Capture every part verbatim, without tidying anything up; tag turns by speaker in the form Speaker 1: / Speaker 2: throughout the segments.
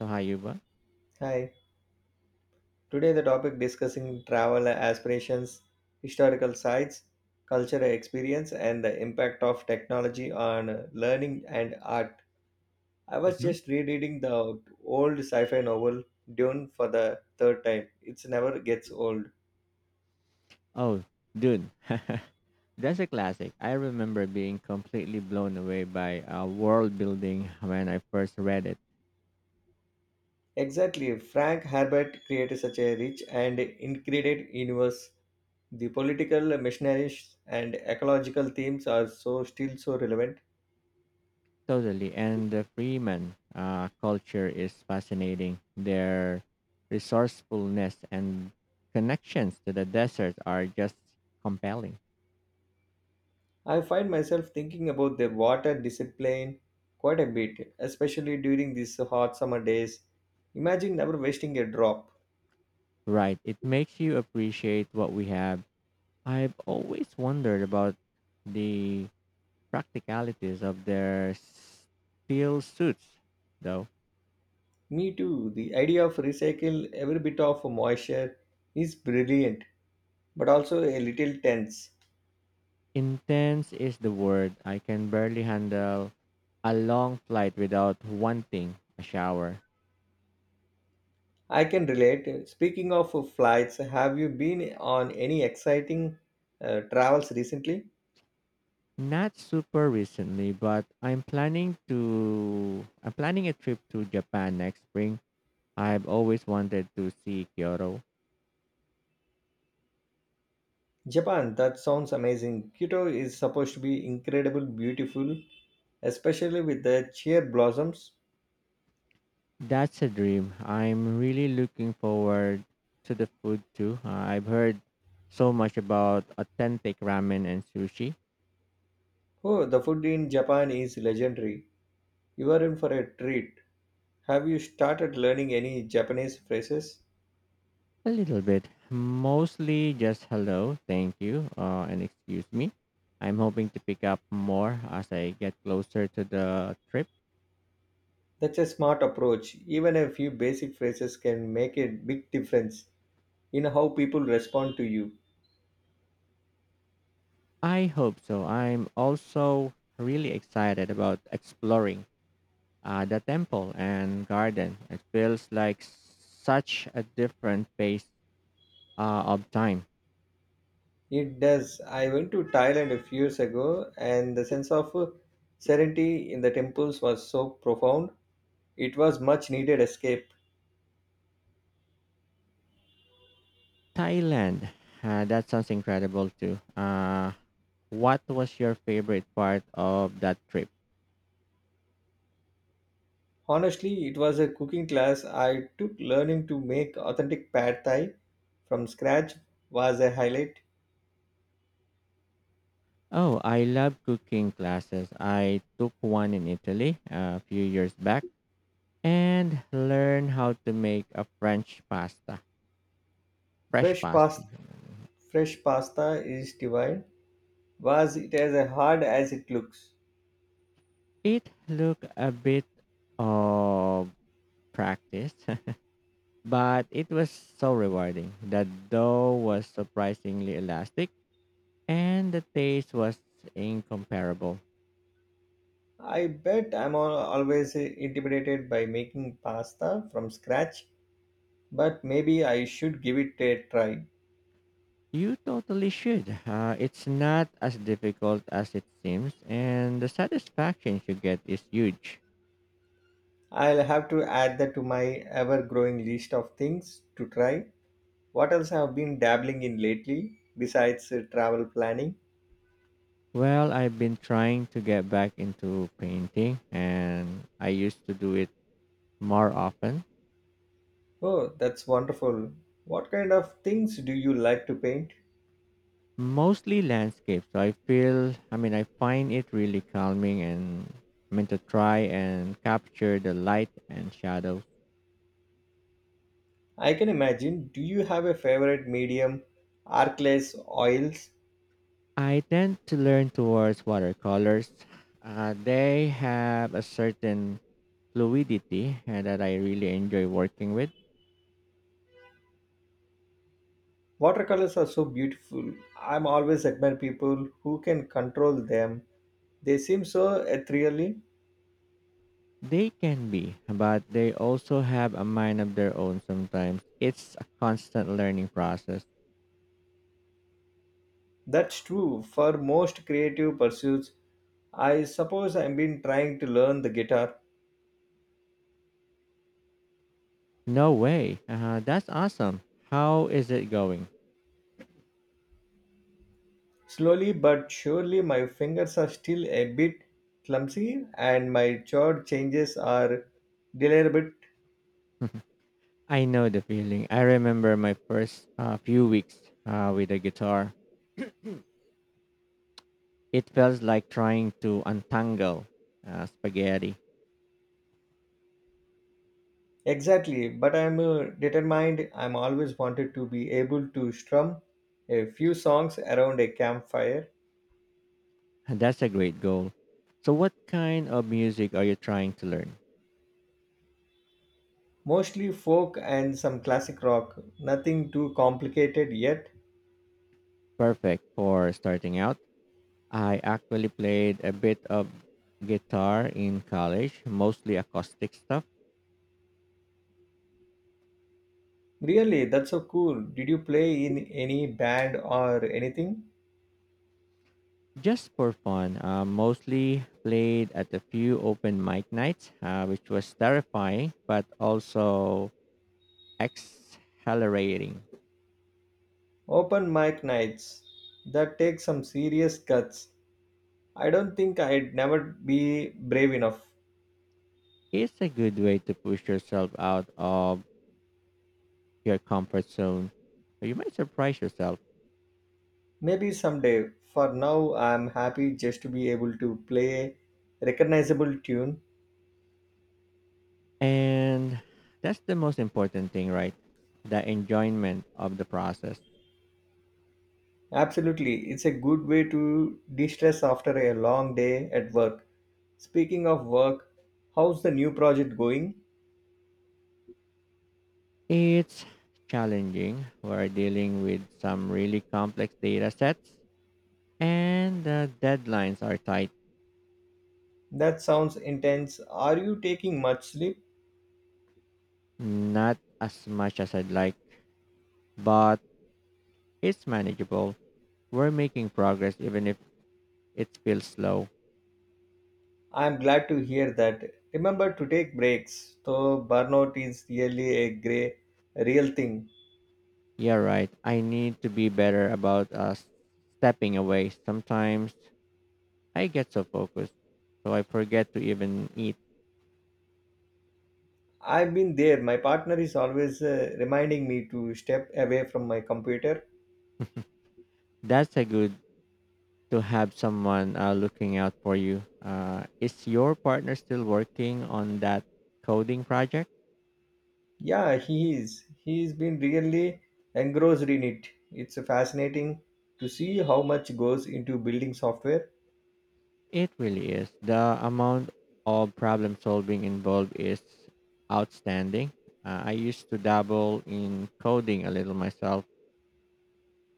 Speaker 1: So Hayuba?
Speaker 2: Hi. Today the topic discussing travel aspirations, historical sites, cultural experience and the impact of technology on learning and art. I was
Speaker 1: hmm
Speaker 2: just rereading the old sci-fi novel Dune for the third time. It never gets old.
Speaker 1: Oh, dude. That's a classic. I remember being completely blown away by uh, world building when I first read it.
Speaker 2: Exactly. Frank Herbert created such a rich and incredible universe. The political, missionaries and ecological themes are so still so relevant.
Speaker 1: Totally. And the Freeman uh, culture is fascinating. Their resourcefulness and connections to the desert are just compelling.
Speaker 2: I find myself thinking about the water discipline quite a bit, especially during these hot summer days. Imagine never wasting a drop.
Speaker 1: Right. It makes you appreciate what we have. I've always wondered about the practicalities of their steel suits, though.
Speaker 2: Me too. The idea of recycle every bit of moisture is brilliant, but also a little tense.
Speaker 1: Intense is the word. I can barely handle a long flight without wanting a shower.
Speaker 2: I can relate. Speaking of flights, have you been on any exciting uh, travels recently?
Speaker 1: Not super recently, but I'm planning to I'm planning a trip to Japan next spring. I've always wanted to see Kyoto.
Speaker 2: Japan, that sounds amazing. Kyoto is supposed to be incredible beautiful, especially with the cherry blossoms.
Speaker 1: That's a dream. I'm really looking forward to the food too. Uh, I've heard so much about authentic ramen and sushi.
Speaker 2: Oh, the food in Japan is legendary. You are in for a treat. Have you started learning any Japanese phrases?
Speaker 1: A little bit. Mostly just hello, thank you, uh, and excuse me. I'm hoping to pick up more as I get closer to the trip.
Speaker 2: That's a smart approach. Even a few basic phrases can make a big difference in how people respond to you.
Speaker 1: I hope so. I'm also really excited about exploring uh, the temple and garden. It feels like such a different pace uh, of time.
Speaker 2: It does. I went to Thailand a few years ago, and the sense of uh, serenity in the temples was so profound. It was much needed escape.
Speaker 1: Thailand, uh, that sounds incredible too. Uh, what was your favorite part of that trip?
Speaker 2: Honestly, it was a cooking class I took. Learning to make authentic pad thai from scratch was a highlight.
Speaker 1: Oh, I love cooking classes. I took one in Italy uh, a few years back and learned how to make a French pasta, fresh
Speaker 2: Fresh
Speaker 1: pasta.
Speaker 2: pasta, fresh pasta is divine. Was it as hard as it looks?
Speaker 1: It took a bit of practice, but it was so rewarding. The dough was surprisingly elastic and the taste was incomparable.
Speaker 2: I bet I'm al- always intimidated by making pasta from scratch, but maybe I should give it a try.
Speaker 1: You totally should. Uh, it's not as difficult as it seems, and the satisfaction you get is huge.
Speaker 2: I'll have to add that to my ever-growing list of things to try. What else have been dabbling in lately besides uh, travel planning?
Speaker 1: Well, I've been trying to get back into painting and I used to do it more often,
Speaker 2: Oh, that's wonderful. What kind of things do you like to paint?
Speaker 1: mostly landscapes. So I feel, I mean, I find it really calming and I mean to try and capture the light and shadows.
Speaker 2: I can imagine. Do you have a favorite medium? Arcless oils?
Speaker 1: I tend to learn towards watercolors. Uh, they have a certain fluidity uh, that I really enjoy working with.
Speaker 2: Watercolors are so beautiful. I'm always admire people who can control them. They seem so ethereally.
Speaker 1: They can be, but they also have a mind of their own sometimes. It's a constant learning process.
Speaker 2: That's true for most creative pursuits. I suppose I've been trying to learn the guitar.
Speaker 1: No way. Uh, that's awesome. How is it going?
Speaker 2: Slowly but surely, my fingers are still a bit clumsy and my chord changes are delayed.
Speaker 1: I know the feeling. I remember my first uh, few weeks uh, with the guitar. It felt like trying to untangle uh, spaghetti.
Speaker 2: Exactly, but I'm uh, determined. I'm always wanted to be able to strum a few songs around a campfire,
Speaker 1: That's a great goal. So, what kind of music are you trying to learn?
Speaker 2: mostly folk and some classic rock. Nothing too complicated yet.
Speaker 1: Perfect for starting out. I actually played a bit of guitar in college, mostly acoustic stuff,
Speaker 2: Really, that's so cool. Did you play in any band or anything?
Speaker 1: just for fun. Uh, mostly played at a few open mic nights, uh, which was terrifying but also exhilarating.
Speaker 2: Open mic nights. That takes some serious guts. I don't think I'd never be brave enough.
Speaker 1: It's a good way to push yourself out of your comfort zone. You might surprise yourself.
Speaker 2: Maybe someday. For now, I'm happy just to be able to play a recognizable tune.
Speaker 1: And that's the most important thing, right? The enjoyment of the process.
Speaker 2: Absolutely. It's a good way to de-stress after a long day at work. Speaking of work, how's the new project going?
Speaker 1: It's challenging. We're dealing with some really complex data sets, and the deadlines are tight.
Speaker 2: That sounds intense. Are you taking much sleep?
Speaker 1: Not as much as I'd like, but it's manageable. We're making progress, even if it feels slow.
Speaker 2: I'm glad to hear that. Remember to take breaks. So burnout is really a gray real thing.
Speaker 1: Yeah, right. I need to be better about uh, stepping away. Sometimes I get so focused, so I forget to even eat.
Speaker 2: I've been there. My partner is always uh, reminding me to step away from my computer.
Speaker 1: That's a good to have someone uh, looking out for you. Uh, is your partner still working on that coding project?
Speaker 2: Yeah, he is. He's been really engrossed in it. It's fascinating to see how much goes into building software.
Speaker 1: It really is. The amount of problem solving involved is outstanding. Uh, I used to dabble in coding a little myself,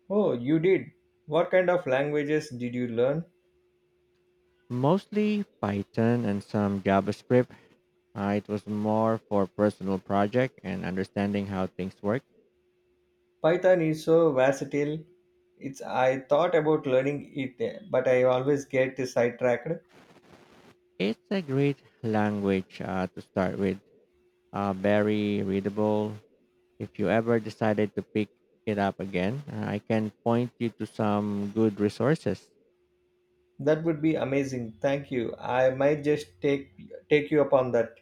Speaker 2: Oh, you did. What kind of languages did you learn?
Speaker 1: mostly Python and some JavaScript. Uh, it was more for personal project and understanding how things work.
Speaker 2: Python is so versatile. It's I thought about learning it, but I always get sidetracked.
Speaker 1: It's a great language uh, to start with, uh, very readable. If you ever decided to pick it up again, uh, I can point you to some good resources.
Speaker 2: That would be amazing. Thank you. I might just take take you upon that.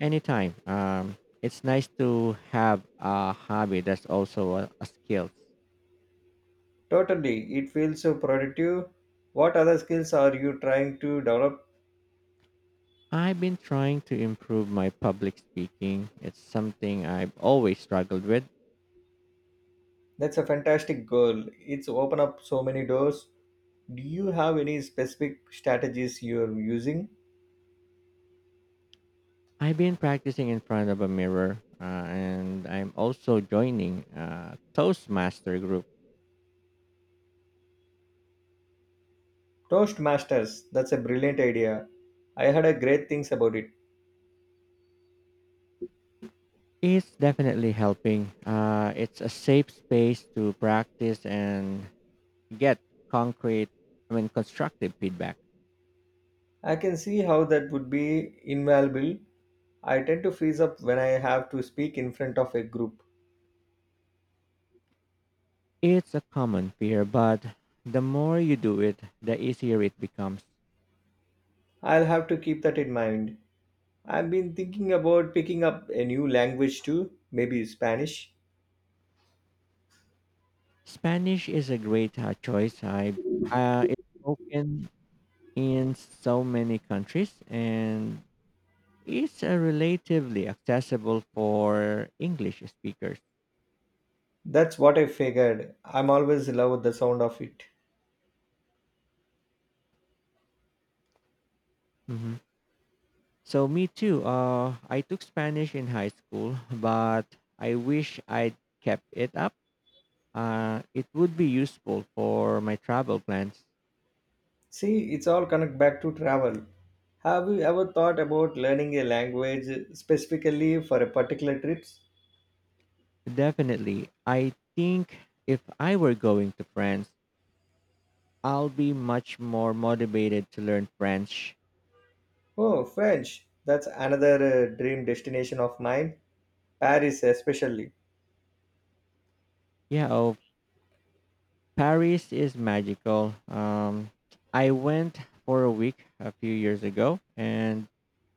Speaker 1: Anytime. Um, it's nice to have a hobby that's also a, a skill.
Speaker 2: Totally. It feels so productive. What other skills are you trying to develop?
Speaker 1: I've been trying to improve my public speaking. It's something I've always struggled with.
Speaker 2: That's a fantastic goal. It's open up so many doors. Do you have any specific strategies you're using?
Speaker 1: I've been practicing in front of a mirror, uh, and I'm also joining a Toastmaster group.
Speaker 2: Toastmasters, that's a brilliant idea. I heard a great things about it.
Speaker 1: It's definitely helping. Uh, it's a safe space to practice and get concrete, I mean, constructive feedback.
Speaker 2: I can see how that would be invaluable. I tend to freeze up when I have to speak in front of a group.
Speaker 1: It's a common fear, but the more you do it, the easier it becomes.
Speaker 2: I'll have to keep that in mind. I've been thinking about picking up a new language too, maybe Spanish.
Speaker 1: Spanish is a great uh, choice. I uh, It's spoken in so many countries, and it's uh, relatively accessible for English speakers.
Speaker 2: That's what I figured. I'm always love the sound of it.
Speaker 1: Mhm. So me too. Uh, I took Spanish in high school, but I wish I'd kept it up. Uh, it would be useful for my travel plans.
Speaker 2: See, it's all connect back to travel. Have you ever thought about learning a language specifically for a particular trip?
Speaker 1: Definitely. I think if I were going to France, I'll be much more motivated to learn French.
Speaker 2: Oh, French. That's another uh, dream destination of mine. Paris, especially.
Speaker 1: Yeah, oh, Paris is magical. Um, I went for a week a few years ago and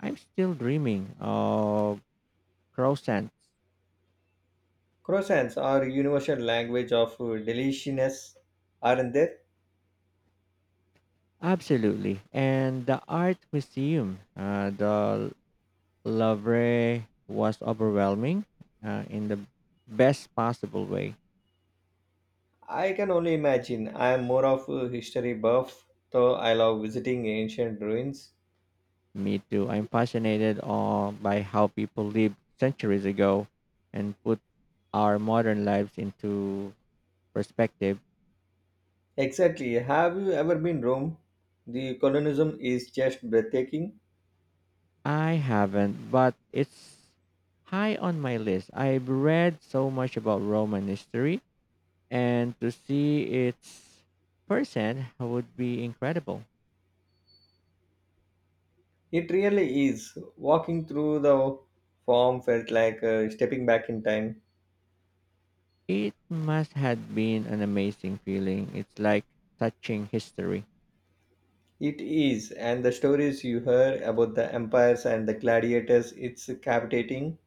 Speaker 1: I'm still dreaming of croissants.
Speaker 2: Croissants are universal language of uh, deliciousness, aren't they?
Speaker 1: Absolutely. And the art museum, uh, the Lovre was overwhelming uh, in the best possible way.
Speaker 2: I can only imagine. I am more of a history buff, though I love visiting ancient ruins.
Speaker 1: Me too. I'm fascinated on by how people lived centuries ago and put our modern lives into perspective.
Speaker 2: Exactly. Have you ever been Rome? The colonism is just breathtaking.
Speaker 1: I haven't, but it's high on my list. I've read so much about Roman history, and to see its person would be incredible.
Speaker 2: It really is. Walking through the farm felt like uh, stepping back in time.
Speaker 1: It must have been an amazing feeling. It's like touching history.
Speaker 2: It is, and the stories you hear about the empires and the gladiators, it's captivating.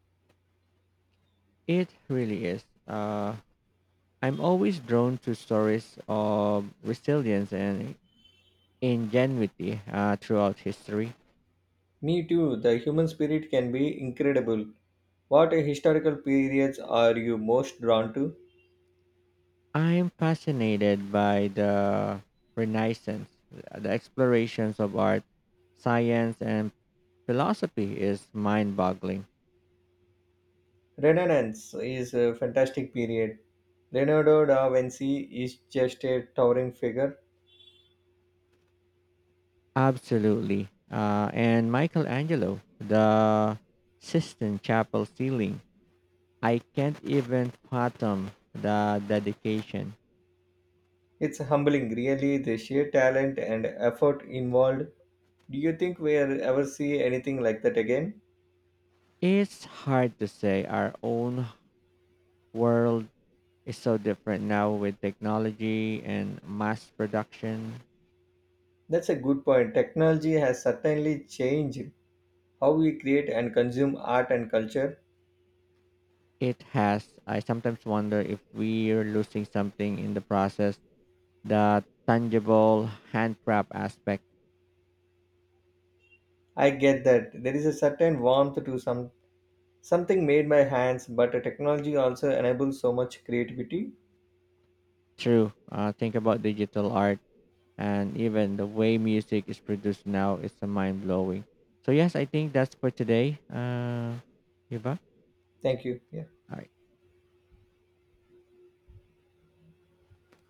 Speaker 1: It really is. Uh, I'm always drawn to stories of resilience and ingenuity uh, throughout history.
Speaker 2: Me too, the human spirit can be incredible. What historical periods are you most drawn to?
Speaker 1: I'm fascinated by the Renaissance, the explorations of art, science, and philosophy is mind boggling.
Speaker 2: Renaissance is a fantastic period. Leonardo da Vinci is just a towering figure.
Speaker 1: Absolutely. Uh, and Michelangelo, the Sistine Chapel ceiling I can't even fathom the dedication.
Speaker 2: It's humbling, really, the sheer talent and effort involved. Do you think we'll ever see anything like that again?
Speaker 1: It's hard to say. Our own world is so different now with technology and mass production.
Speaker 2: That's a good point. Technology has certainly changed how we create and consume art and culture.
Speaker 1: It has, I sometimes wonder if we're losing something in the process, the tangible handcraft aspect.
Speaker 2: I get that. There is a certain warmth to some something made by hands, but technology also enables so much creativity.
Speaker 1: True. Uh, think about digital art and even the way music is produced now is mind blowing. So, yes, I think that's for today. Uh, Yuba?
Speaker 2: Thank you. Yeah.
Speaker 1: All right.